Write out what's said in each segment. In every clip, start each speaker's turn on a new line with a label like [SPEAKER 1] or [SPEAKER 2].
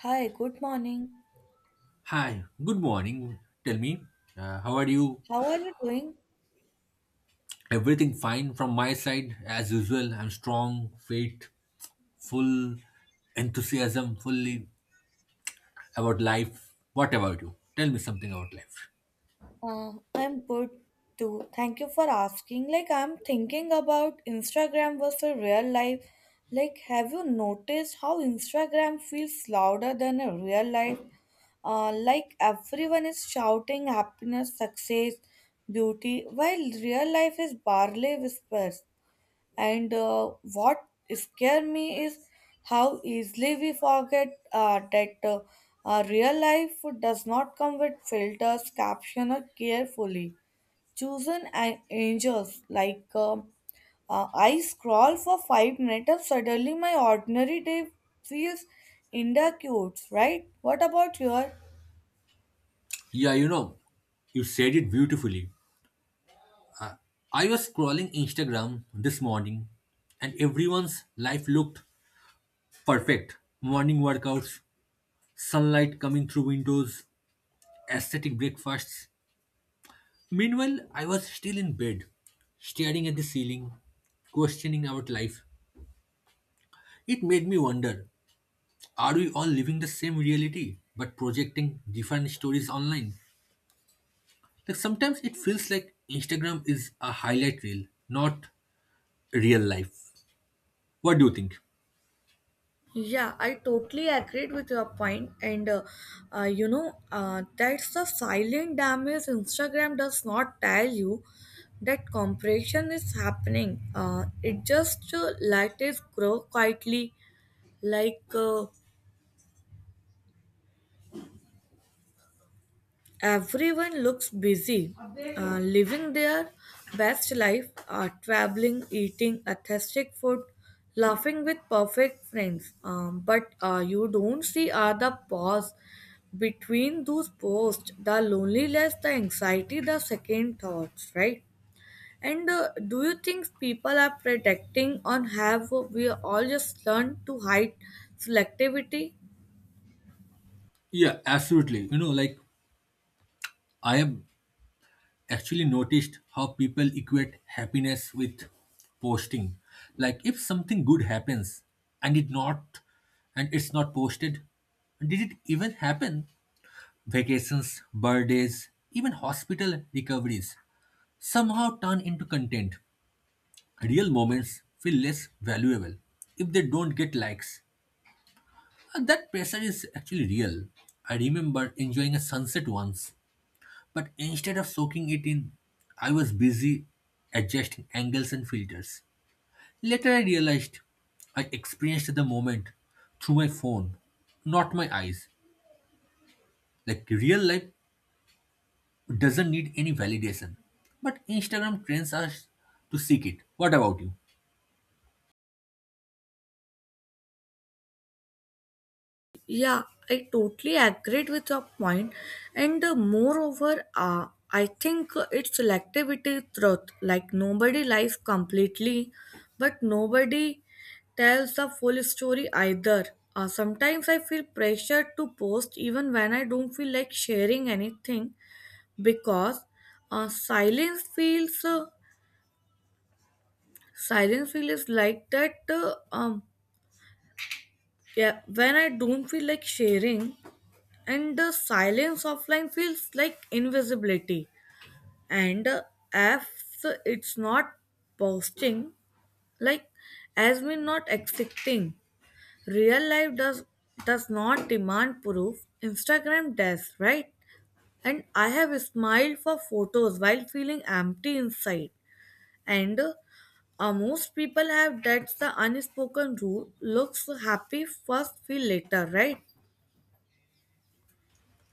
[SPEAKER 1] Hi, good morning.
[SPEAKER 2] Hi, good morning. Tell me, how are you?
[SPEAKER 1] How are you doing?
[SPEAKER 2] Everything fine from my side, as usual. I'm strong, fit, full enthusiasm, fully about life. What about you? Tell me something about life.
[SPEAKER 1] I'm good too. Thank you for asking. Like, I'm thinking about Instagram versus real life. Like, have you noticed how Instagram feels louder than a real life? Like, everyone is shouting happiness, success, beauty, while real life is barely whispers. And what scares me is how easily we forget that real life does not come with filters, captioned or carefully chosen angels. Like I scroll for 5 minutes, and suddenly my ordinary day feels inadequate. Right? What about your?
[SPEAKER 2] Yeah, you know, you said it beautifully. I was scrolling Instagram this morning and everyone's life looked perfect. Morning workouts, sunlight coming through windows, aesthetic breakfasts. Meanwhile, I was still in bed, staring at the ceiling, questioning about life. It made me wonder, are we all living the same reality but projecting different stories online? Like sometimes it feels like Instagram is a highlight reel, not real life. What do you think?
[SPEAKER 1] Yeah, I totally agreed with your point, and that's the silent damage Instagram does not tell you that compression is happening. It just let it grow quietly, like. Everyone looks busy, living their best life, traveling, eating authentic food, laughing with perfect friends. But you don't see the pause between those posts, the loneliness, the anxiety, the second thoughts, right? And do you think people are protecting on, have we all just learned to hide selectivity?
[SPEAKER 2] Yeah, absolutely. You know, like I have actually noticed how people equate happiness with posting. Like if something good happens and it's not posted, did it even happen? Vacations, birthdays, even hospital recoveries somehow turn into content. Real moments feel less valuable if they don't get likes. And that pressure is actually real. I remember enjoying a sunset once. But instead of soaking it in, I was busy adjusting angles and filters. Later, I realized I experienced the moment through my phone, not my eyes. Like real life doesn't need any validation, but Instagram trains us to seek it. What about you?
[SPEAKER 1] Yeah, I totally agreed with your point. And moreover, I think it's selectivity truth. Like nobody lies completely, but nobody tells the full story either. Sometimes I feel pressure to post even when I don't feel like sharing anything, because uh, silence feels uh, silence feels like that. Yeah, when I don't feel like sharing. And the silence offline feels like invisibility. And if it's not posting, like as we not accepting real life does not demand proof. Instagram does, right? And I have smiled for photos while feeling empty inside. And most people have. That's the unspoken rule: looks happy first, feel later, right?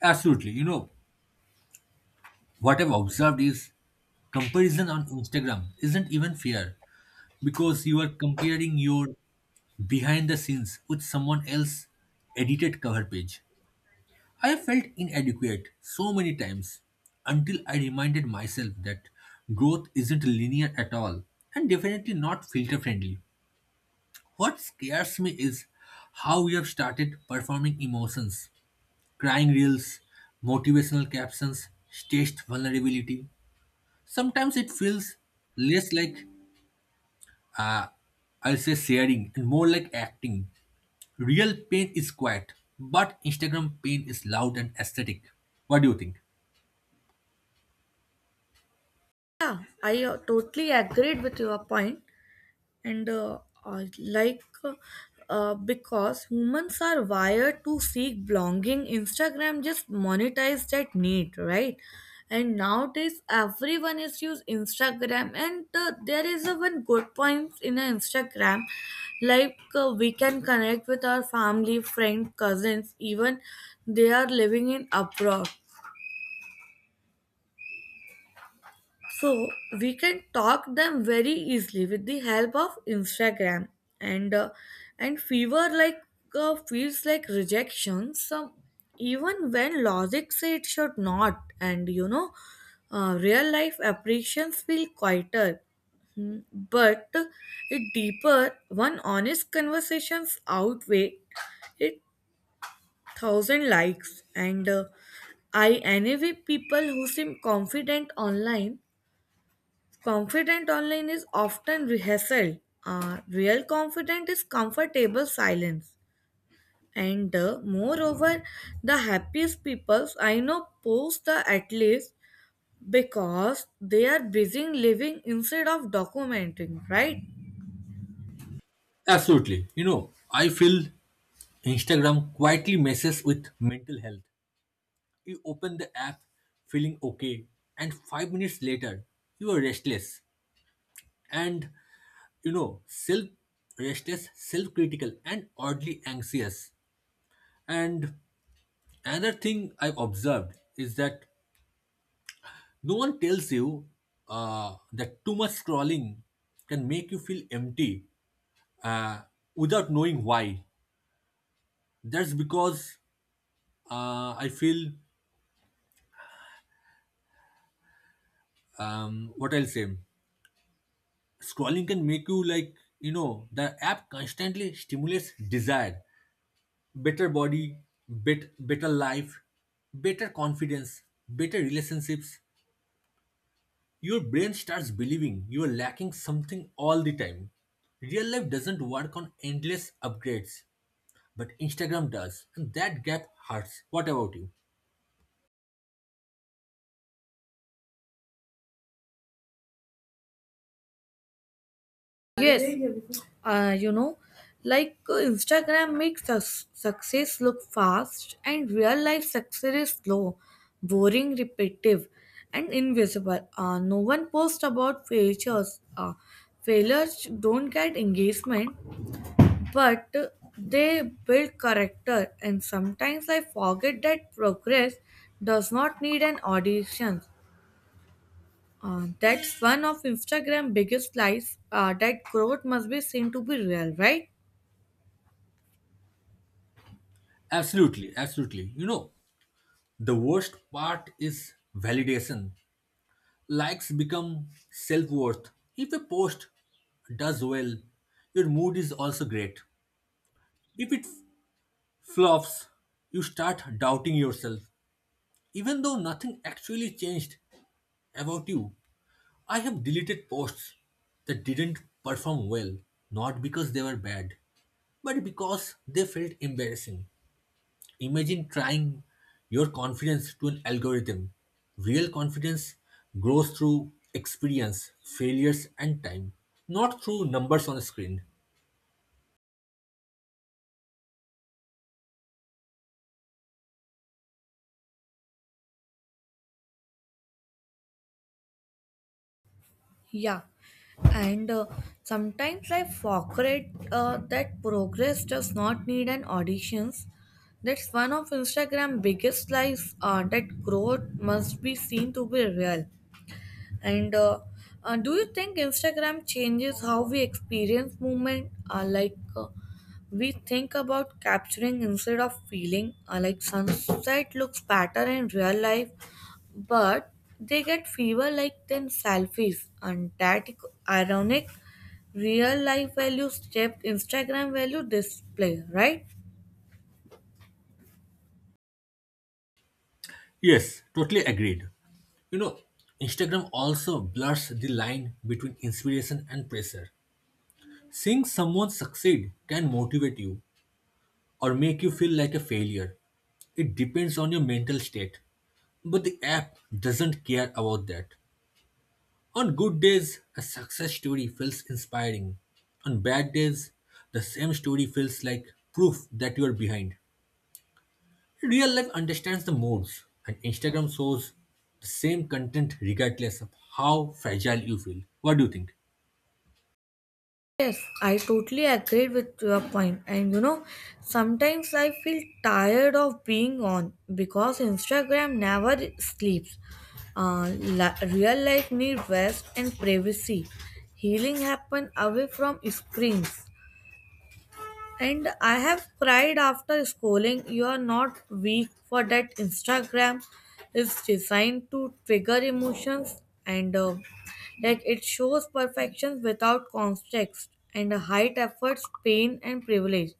[SPEAKER 2] Absolutely. You know, what I've observed is comparison on Instagram isn't even fair because you are comparing your behind the scenes with someone else's edited cover page. I have felt inadequate so many times until I reminded myself that growth isn't linear at all, and definitely not filter friendly. What scares me is how we have started performing emotions, crying reels, motivational captions, staged vulnerability. Sometimes it feels less like, uh, I'll say, sharing and more like acting. Real pain is quiet, but Instagram pain is loud and aesthetic. What do you think?
[SPEAKER 1] Yeah, I totally agreed with your point. And uh, like uh, because humans are wired to seek belonging, Instagram just monetize that need, right? And nowadays everyone is use Instagram, and there is a one good point in a Instagram. Like we can connect with our family, friend, cousins, even they are living in abroad, so we can talk them very easily with the help of Instagram. And uh, and fever like feels like rejection some, even when logic say it should not. And real life appreciations feel quieter. Hmm, but it deeper. One honest conversations outweigh it thousand likes. And I envy people who seem confident online. Confident online is often rehearsed. Real confident is comfortable silence. And moreover, the happiest people I know post the at least, because they are busy living instead of documenting, right?
[SPEAKER 2] Absolutely. You know, I feel Instagram quietly messes with mental health. You open the app feeling okay, and 5 minutes later, you are restless and, you know, self critical, and oddly anxious. And another thing I've observed is that no one tells you that too much scrolling can make you feel empty uh, without knowing why. That's because I feel, what I'll say, scrolling can make you like, you know, the app constantly stimulates desire. Better body, better life, better confidence, better relationships. Your brain starts believing you are lacking something all the time. Real life doesn't work on endless upgrades, but Instagram does, and that gap hurts. What about you?
[SPEAKER 1] Yes. uh, you know Instagram makes us success look fast, and real life success is slow, boring, repetitive and invisible. No one posts about failures. Failures don't get engagement, but they build character. And sometimes I forget that progress does not need an audition. That's one of Instagram biggest lies, that growth must be seen to be real, right?
[SPEAKER 2] Absolutely, absolutely. You know, the worst part is validation. Likes become self worth. If a post does well, your mood is also great. If it flops, you start doubting yourself, even though nothing actually changed about you. I have deleted posts that didn't perform well, not because they were bad, but because they felt embarrassing. Imagine trying your confidence to an algorithm. Real confidence grows through experience, failures, and time, not through numbers on a screen.
[SPEAKER 1] Yeah, and sometimes I forget that progress does not need an auditions. That's one of Instagram biggest lies, that growth must be seen to be real. And do you think Instagram changes how we experience movement? Like we think about capturing instead of feeling. Like sunset looks better in real life, but they get fever like then selfies. And that ironic: real life value stepped, Instagram value display, right?
[SPEAKER 2] Yes, totally agreed. You know, Instagram also blurs the line between inspiration and pressure. Seeing someone succeed can motivate you or make you feel like a failure. It depends on your mental state. But the app doesn't care about that. On good days, a success story feels inspiring. On bad days, the same story feels like proof that you are behind. Real life understands the modes, and Instagram shows the same content regardless of how fragile you feel. What do you think?
[SPEAKER 1] Yes, I totally agree with your point. And you know, sometimes I feel tired of being on, because Instagram never sleeps. Real life need rest and privacy. Healing happen away from screens. And I have cried after scrolling. You are not weak for that. Instagram is designed to trigger emotions. And like it shows perfection without context and height efforts, pain and privilege.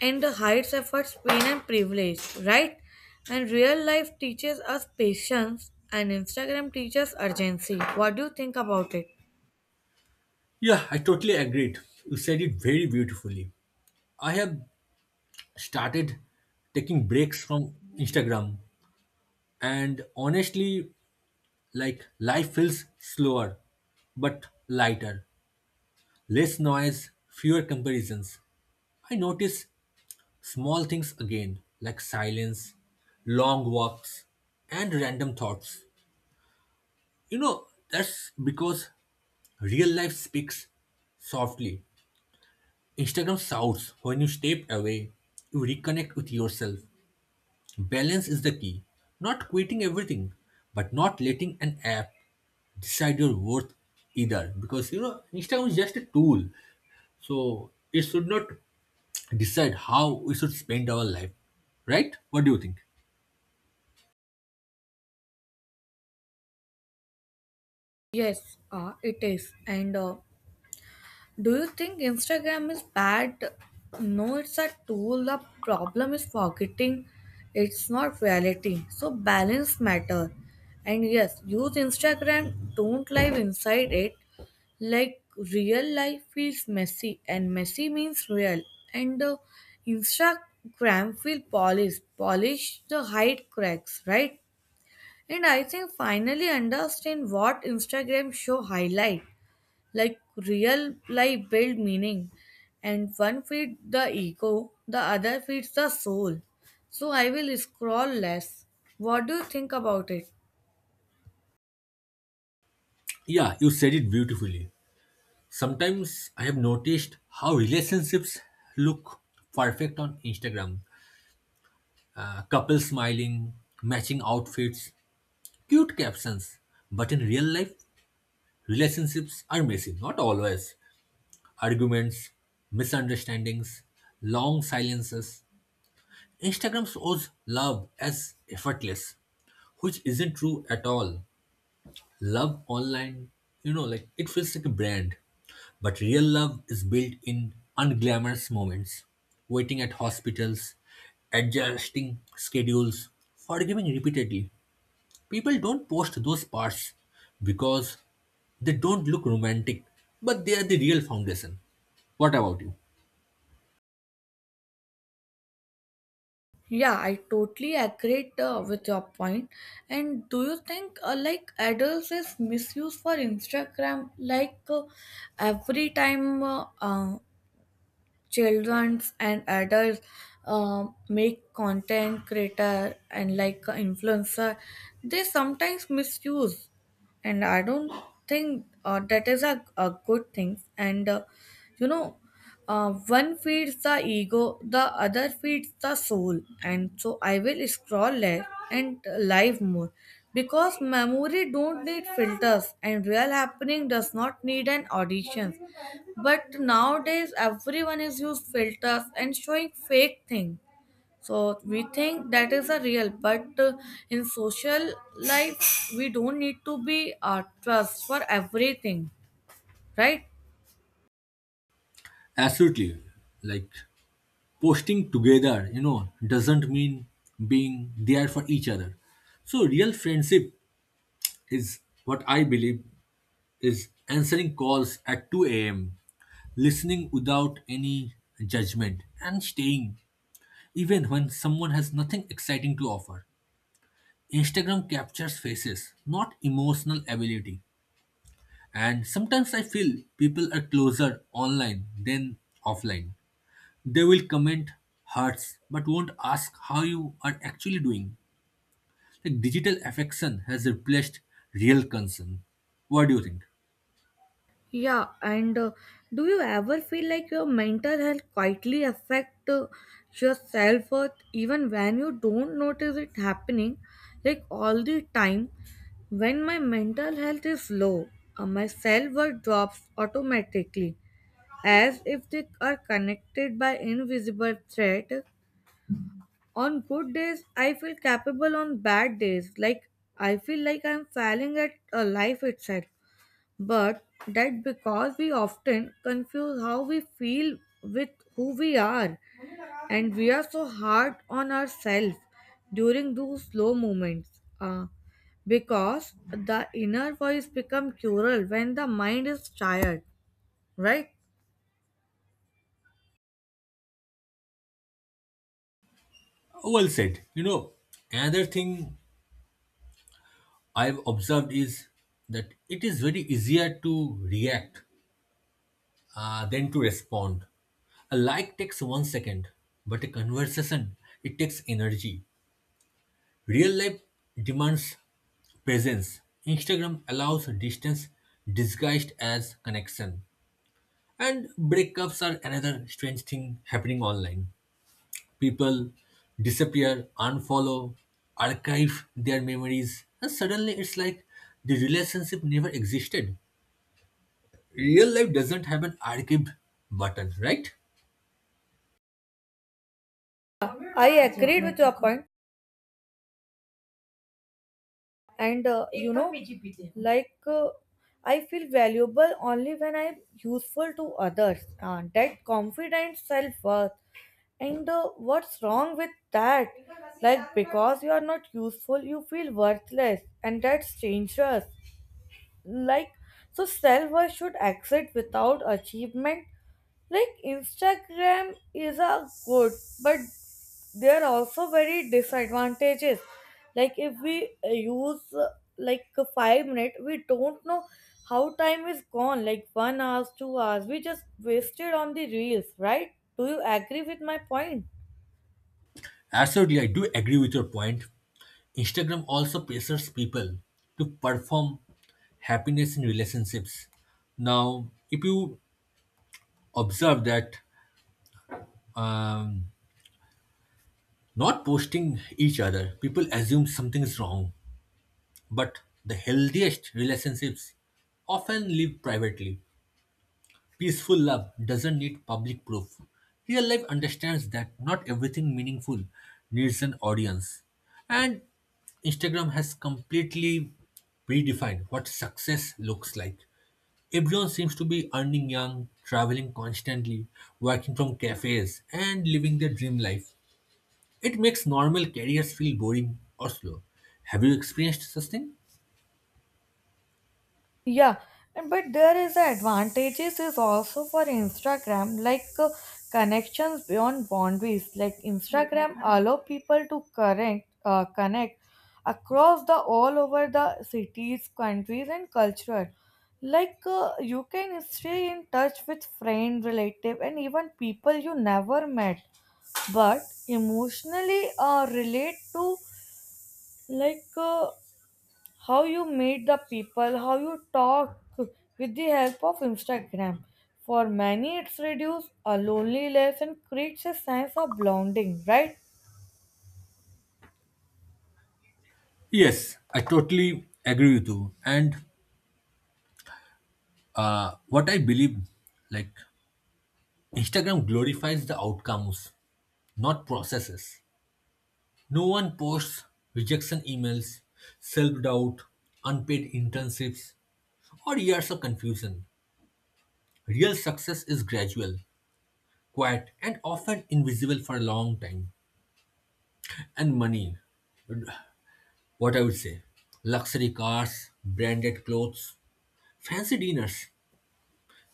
[SPEAKER 1] And hides efforts, pain and privilege, right? And real life teaches us patience and Instagram teaches urgency. What do you think about it?
[SPEAKER 2] Yeah, I totally agreed. You said it very beautifully. I have started taking breaks from Instagram, and honestly, like life feels slower but lighter. Less noise, fewer comparisons. I notice small things again, like silence, long walks, and random thoughts. You know, that's because real life speaks softly. Instagram shouts. When you step away, you reconnect with yourself. Balance is the key. Not quitting everything, but not letting an app decide your worth either, because you know Instagram is just a tool, so it should not decide how we should spend our life, right? What do you think?
[SPEAKER 1] Yes, it is. And do you think Instagram is bad? No, it's a tool. The problem is forgetting it's not reality. So balance matter. And yes, use Instagram. Don't live inside it. Like real life feels messy, and messy means real. And Instagram feel polished. Polish the hide cracks, right? And I think finally understand what Instagram show highlight, like real life build meaning. And one feeds the ego, the other feeds the soul. So I will scroll less. What do you think about it?
[SPEAKER 2] Yeah, you said it beautifully. Sometimes I have noticed how relationships look perfect on Instagram. Couples smiling, matching outfits, cute captions. But in real life, relationships are messy, not always. Arguments, misunderstandings, long silences. Instagram shows love as effortless, which isn't true at all. Love online, you know, like it feels like a brand. But real love is built in unglamorous moments, waiting at hospitals, adjusting schedules, forgiving repeatedly. People don't post those parts because they don't look romantic, but they are the real foundation. What about you?
[SPEAKER 1] Yeah, I totally agree with your point. And do you think like adults is misuse for Instagram? Like every time children and adults make content creator and like a influencer, they sometimes misuse. And I don't think that is a good thing. And you know, one feeds the ego, the other feeds the soul, and so I will scroll less and live more, because memory don't need filters and real happening does not need an audition. But nowadays everyone is used filters and showing fake things, so we think that is a real. But in social life we don't need to be trust for everything, right?
[SPEAKER 2] Absolutely. Like posting together, you know, doesn't mean being there for each other. So real friendship is, what I believe, is answering calls at 2 a.m., listening without any judgment, and staying even when someone has nothing exciting to offer. Instagram captures faces, not emotional ability. And sometimes I feel people are closer online than offline. They will comment hearts but won't ask how you are actually doing. Like digital affection has replaced real concern. What do you think?
[SPEAKER 1] Yeah, and do you ever feel like your mental health quietly affect your self-worth even when you don't notice it happening? Like all the time. When my mental health is low, my self-worth drops automatically, as if they are connected by invisible thread. On good days, I feel capable. On bad days, like I feel like I'm failing at a life itself. But that because we often confuse how we feel with who we are, and we are so hard on ourselves during those slow moments. Because the inner voice become cruel when the mind is tired, right?
[SPEAKER 2] Well said. You know, another thing I've observed is that it is very easier to react than to respond. A like takes 1 second, but a conversation, it takes energy. Real life demands presence. Instagram allows distance disguised as connection. And breakups are another strange thing happening online. People disappear, unfollow, archive their memories, and suddenly it's like the relationship never existed. Real life doesn't have an archive button, right?
[SPEAKER 1] I agreed with your point. And like uh, I feel valuable only when I'm useful to others. That confident self-worth. And what's wrong with that? Like because you are not useful, you feel worthless, and that's dangerous. Like, so self worth should exist without achievement. Like Instagram is a good, but there are also very disadvantages. Like if we use 5 minutes, we don't know how time is gone. Like 1 hours, 2 hours we just wasted on the reels, right? Do you agree with my point?
[SPEAKER 2] Absolutely, I do agree with your point. Instagram also pressures people to perform happiness in relationships. Now, if you observe that, um, not posting each other, people assume something is wrong. But the healthiest relationships often live privately. Peaceful love doesn't need public proof. Real life understands that not everything meaningful needs an audience. And Instagram has completely redefined what success looks like. Everyone seems to be earning young, traveling constantly, working from cafes, and living their dream life. It makes normal careers feel boring or slow. Have you experienced such thing?
[SPEAKER 1] Yeah, and but there is a advantages is also for Instagram, like connections beyond boundaries. Like Instagram allow people to connect across the all over the cities, countries, and culture. Like you can stay in touch with friend, relative, and even people you never met, but emotionally relate to, like. How you meet the people, how you talk with the help of Instagram. For many, it's reduced a loneliness and creates a sense of belonging, right?
[SPEAKER 2] Yes, I totally agree with you. And what I believe, like Instagram glorifies the outcomes, not processes. No one posts rejection emails, self doubt, unpaid internships, or years of confusion. Real success is gradual, quiet, and often invisible for a long time. And money, what I would say, luxury cars, branded clothes, fancy dinners.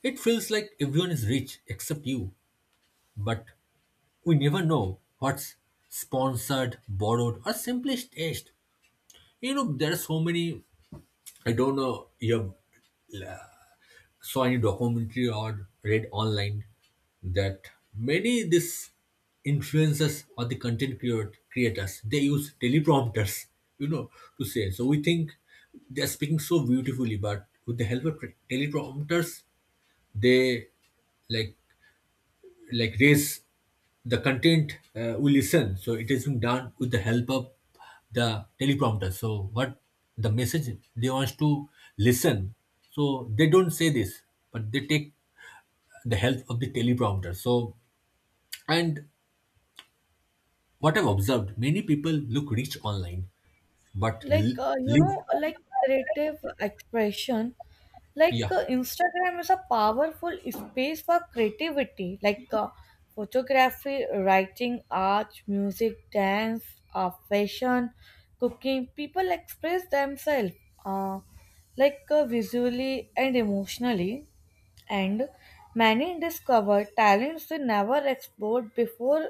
[SPEAKER 2] It feels like everyone is rich except you. But we never know what's sponsored, borrowed, or simply staged. You know, there are so many. I don't know. You have saw any documentary or read online that many this influencers or the creators, they use teleprompters. You know, to say. So we think they are speaking so beautifully, but with the help of teleprompters, they like like raise the content we listen, so it is being done with the help of the teleprompter, so what the message they wants to listen, so they don't say this, but they take the help of the teleprompter. So, and what I've observed, many people look rich online but
[SPEAKER 1] like uh, you
[SPEAKER 2] live.
[SPEAKER 1] know like creative expression.
[SPEAKER 2] Yeah,
[SPEAKER 1] Instagram is a powerful space for creativity. Like photography, writing, art, music, dance, fashion, cooking, people express themselves uh, visually and emotionally. And many discover talents they never explored before,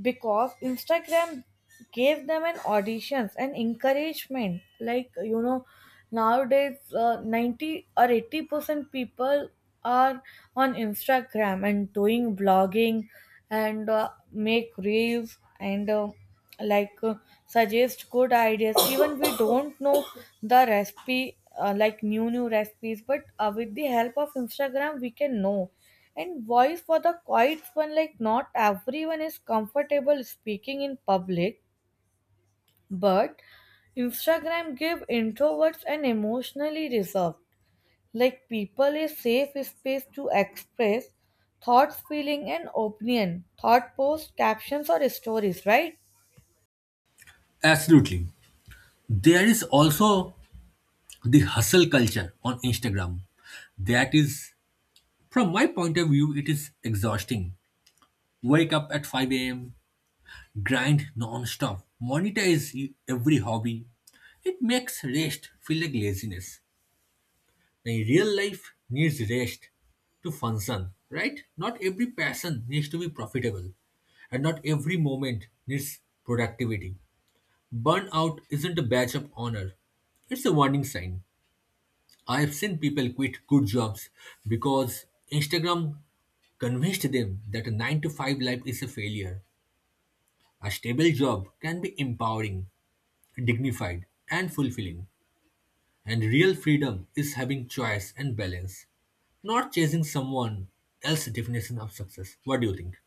[SPEAKER 1] because Instagram gave them an auditions and encouragement. Like you know, nowadays 90 or 80% people are on Instagram and doing blogging, and make reels, and like uh, suggest good ideas. Even we don't know the recipe. Like new recipes, but with the help of Instagram we can know. And voice for the quiet one, like not everyone is comfortable speaking in public, but Instagram give introverts an emotionally reserved, like people a safe space to express thoughts, feeling, and opinion, thought posts, captions, or stories, right?
[SPEAKER 2] absolutely. There is also the hustle culture on Instagram that is, from my point of view, it is exhausting. Wake up at 5 a.m., grind non-stop, monetize every hobby. It makes rest feel like laziness. And real life needs rest to function, right? Not every passion needs to be profitable, and not every moment needs productivity. Burnout isn't a badge of honor, it's a warning sign. I have seen people quit good jobs because Instagram convinced them that a 9 to 5 life is a failure. A stable job can be empowering, dignified, and fulfilling. And real freedom is having choice and balance, not chasing someone else's definition of success. What do you think?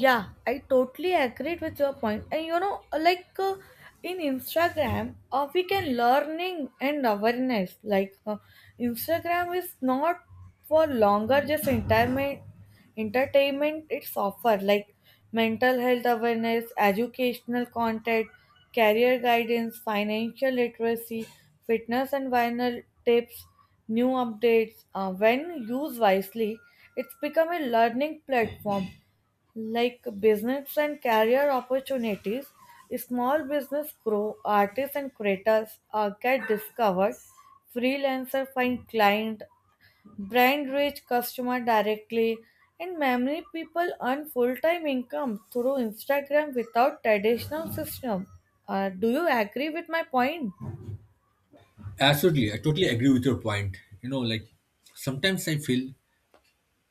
[SPEAKER 1] Yeah, I totally agree with your point. And you know, like in Instagram, we can learning and awareness. Like Instagram is not for longer just entertainment. Entertainment it's offer like mental health awareness, educational content, career guidance, financial literacy, fitness and vinyl tips, new updates. When used wisely, it's become a learning platform, like business and career opportunities, small business grow, artists and creators get discovered, freelancer find client, brand reach customer directly, and many people earn full-time income through Instagram without traditional system. Do you agree with my point?
[SPEAKER 2] Absolutely, I totally agree with your point. You know, like sometimes I feel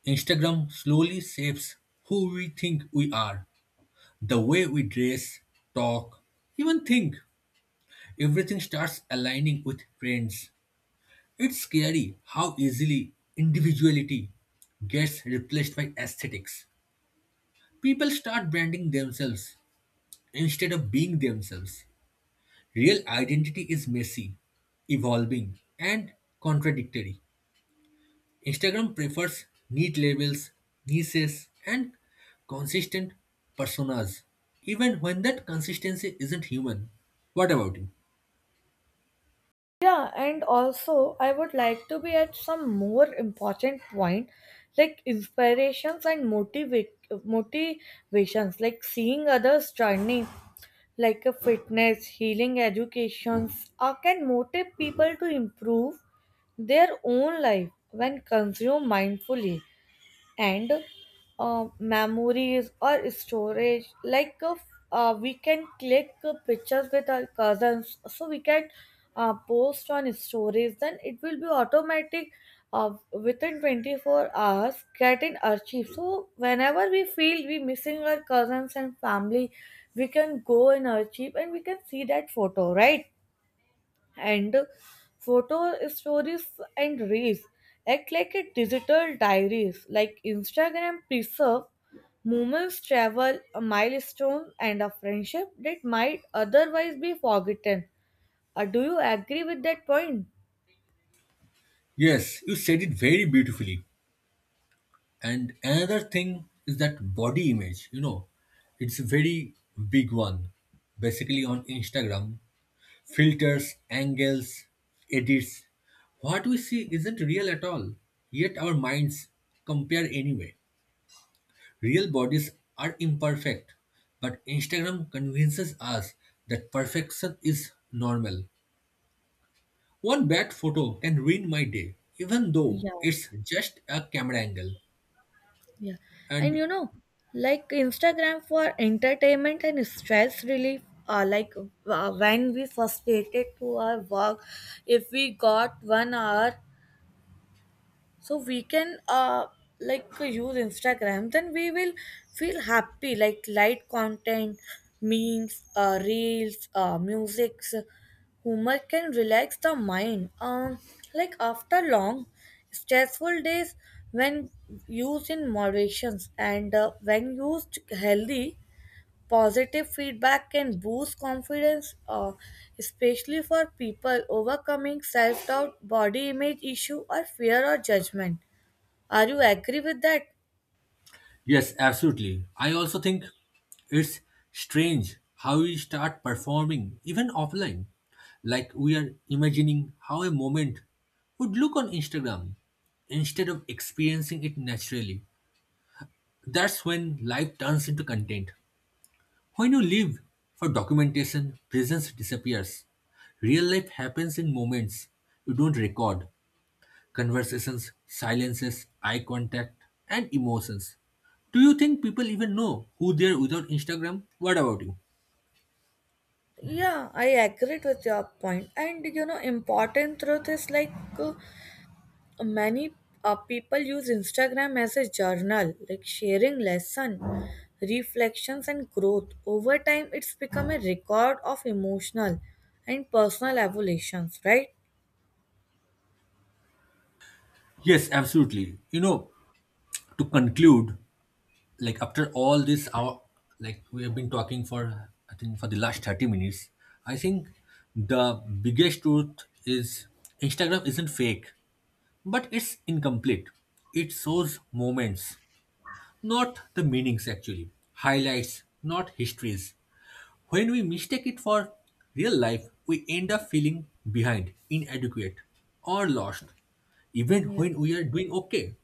[SPEAKER 2] Instagram slowly shapes who we think we are, the way we dress, talk, even think. Everything starts aligning with trends. It's scary how easily individuality gets replaced by aesthetics. People start branding themselves instead of being themselves. Real identity is messy, evolving, and contradictory. Instagram prefers neat labels, niches, and consistent personas, even when that consistency isn't human. What about you?
[SPEAKER 1] Yeah, and also I would like to be at some more important point, like inspirations and motivations, like seeing others journey like a fitness, healing educations can motivate people to improve their own life when consumed mindfully. And memories or storage. Like we can click pictures with our cousins, so we can post on stories, then it will be automatic within 24 hours get in archive, so whenever we feel we missing our cousins and family, we can go in archive and we can see that photo, right? And photo stories and reels act like a digital diaries. Like Instagram preserve moments, travel, a milestone and a friendship that might otherwise be forgotten. Do you agree with that point?
[SPEAKER 2] Yes, you said it very beautifully. And another thing is that body image, you know, it's a very big one. Basically, on Instagram, filters, angles, edits. What we see isn't real at all, yet our minds compare anyway. Real bodies are imperfect, but Instagram convinces us that perfection is normal. One bad photo can ruin my day, even though
[SPEAKER 1] Yeah,
[SPEAKER 2] it's just a camera angle.
[SPEAKER 1] yeah, and
[SPEAKER 2] And
[SPEAKER 1] you know, like Instagram for entertainment and stress relief, like when we frustrated to our work, if we got 1 hour, so we can like use Instagram, then we will feel happy. Like light content, memes, reels, music, humor can relax the mind, like after long stressful days when used in moderations. And when used healthy, positive feedback can boost confidence, especially for people overcoming self doubt, body image issue, or fear or judgment. Are you agree with that?
[SPEAKER 2] yes, absolutely. I also think it's strange how we start performing, even offline. Like we are imagining how a moment would look on Instagram instead of experiencing it naturally. That's when life turns into content. When you live for documentation, presence disappears. Real life happens in moments you don't record. Conversations, silences, eye contact, and emotions. Do you think people even know who they are without Instagram? What about you?
[SPEAKER 1] Yeah, I agreed with your point. And you know, important truth is like uh, many people use Instagram as a journal, like sharing lesson, reflections, and growth. Over time, it's become a record of emotional and personal evolutions, right?
[SPEAKER 2] Yes, absolutely. You know, to conclude, like after all this hour, like we have been talking for, I think, for the last 30 minutes, I think the biggest truth is Instagram isn't fake, but it's incomplete. It shows moments, not the meanings actually, highlights, not histories. When we mistake it for real life, we end up feeling behind, inadequate, or lost, even
[SPEAKER 1] Yeah.
[SPEAKER 2] when we are doing okay.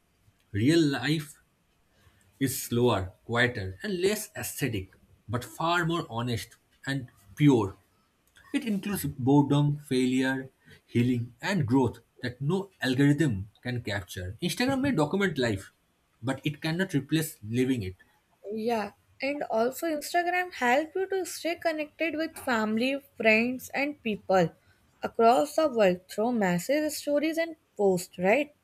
[SPEAKER 2] Real life is slower, quieter, and less aesthetic, but far more honest and pure. It includes boredom, failure, healing, and growth that no algorithm can capture. Instagram may document life, but it cannot replace living it.
[SPEAKER 1] Yeah, and also Instagram help you to stay connected with family, friends, and people across the world through messages, stories, and posts. Right?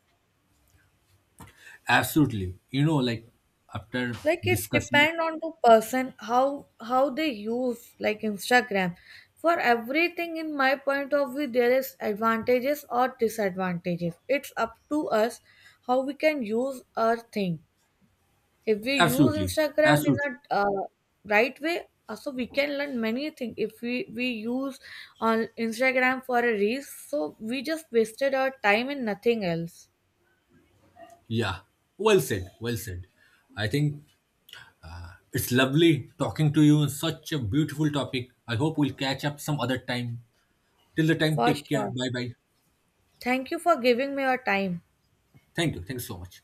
[SPEAKER 2] Absolutely. You know, like after
[SPEAKER 1] Like it
[SPEAKER 2] discussing.
[SPEAKER 1] depend on the person, how they use like Instagram. For everything, in my point of view, there is advantages or disadvantages. It's up to us how we can use our thing. If we use
[SPEAKER 2] Absolutely.
[SPEAKER 1] Instagram in
[SPEAKER 2] Absolutely.
[SPEAKER 1] a right way, so we can learn many things. If we use on Instagram for a reels, so we just wasted our time in nothing else.
[SPEAKER 2] Yeah. Well said. Well said. I think it's lovely talking to you on such a beautiful topic. I hope we'll catch up some other time. Till the time,
[SPEAKER 1] For
[SPEAKER 2] take care.
[SPEAKER 1] sure,
[SPEAKER 2] Bye bye.
[SPEAKER 1] thank you for giving me your time.
[SPEAKER 2] Thank you. Thanks so much.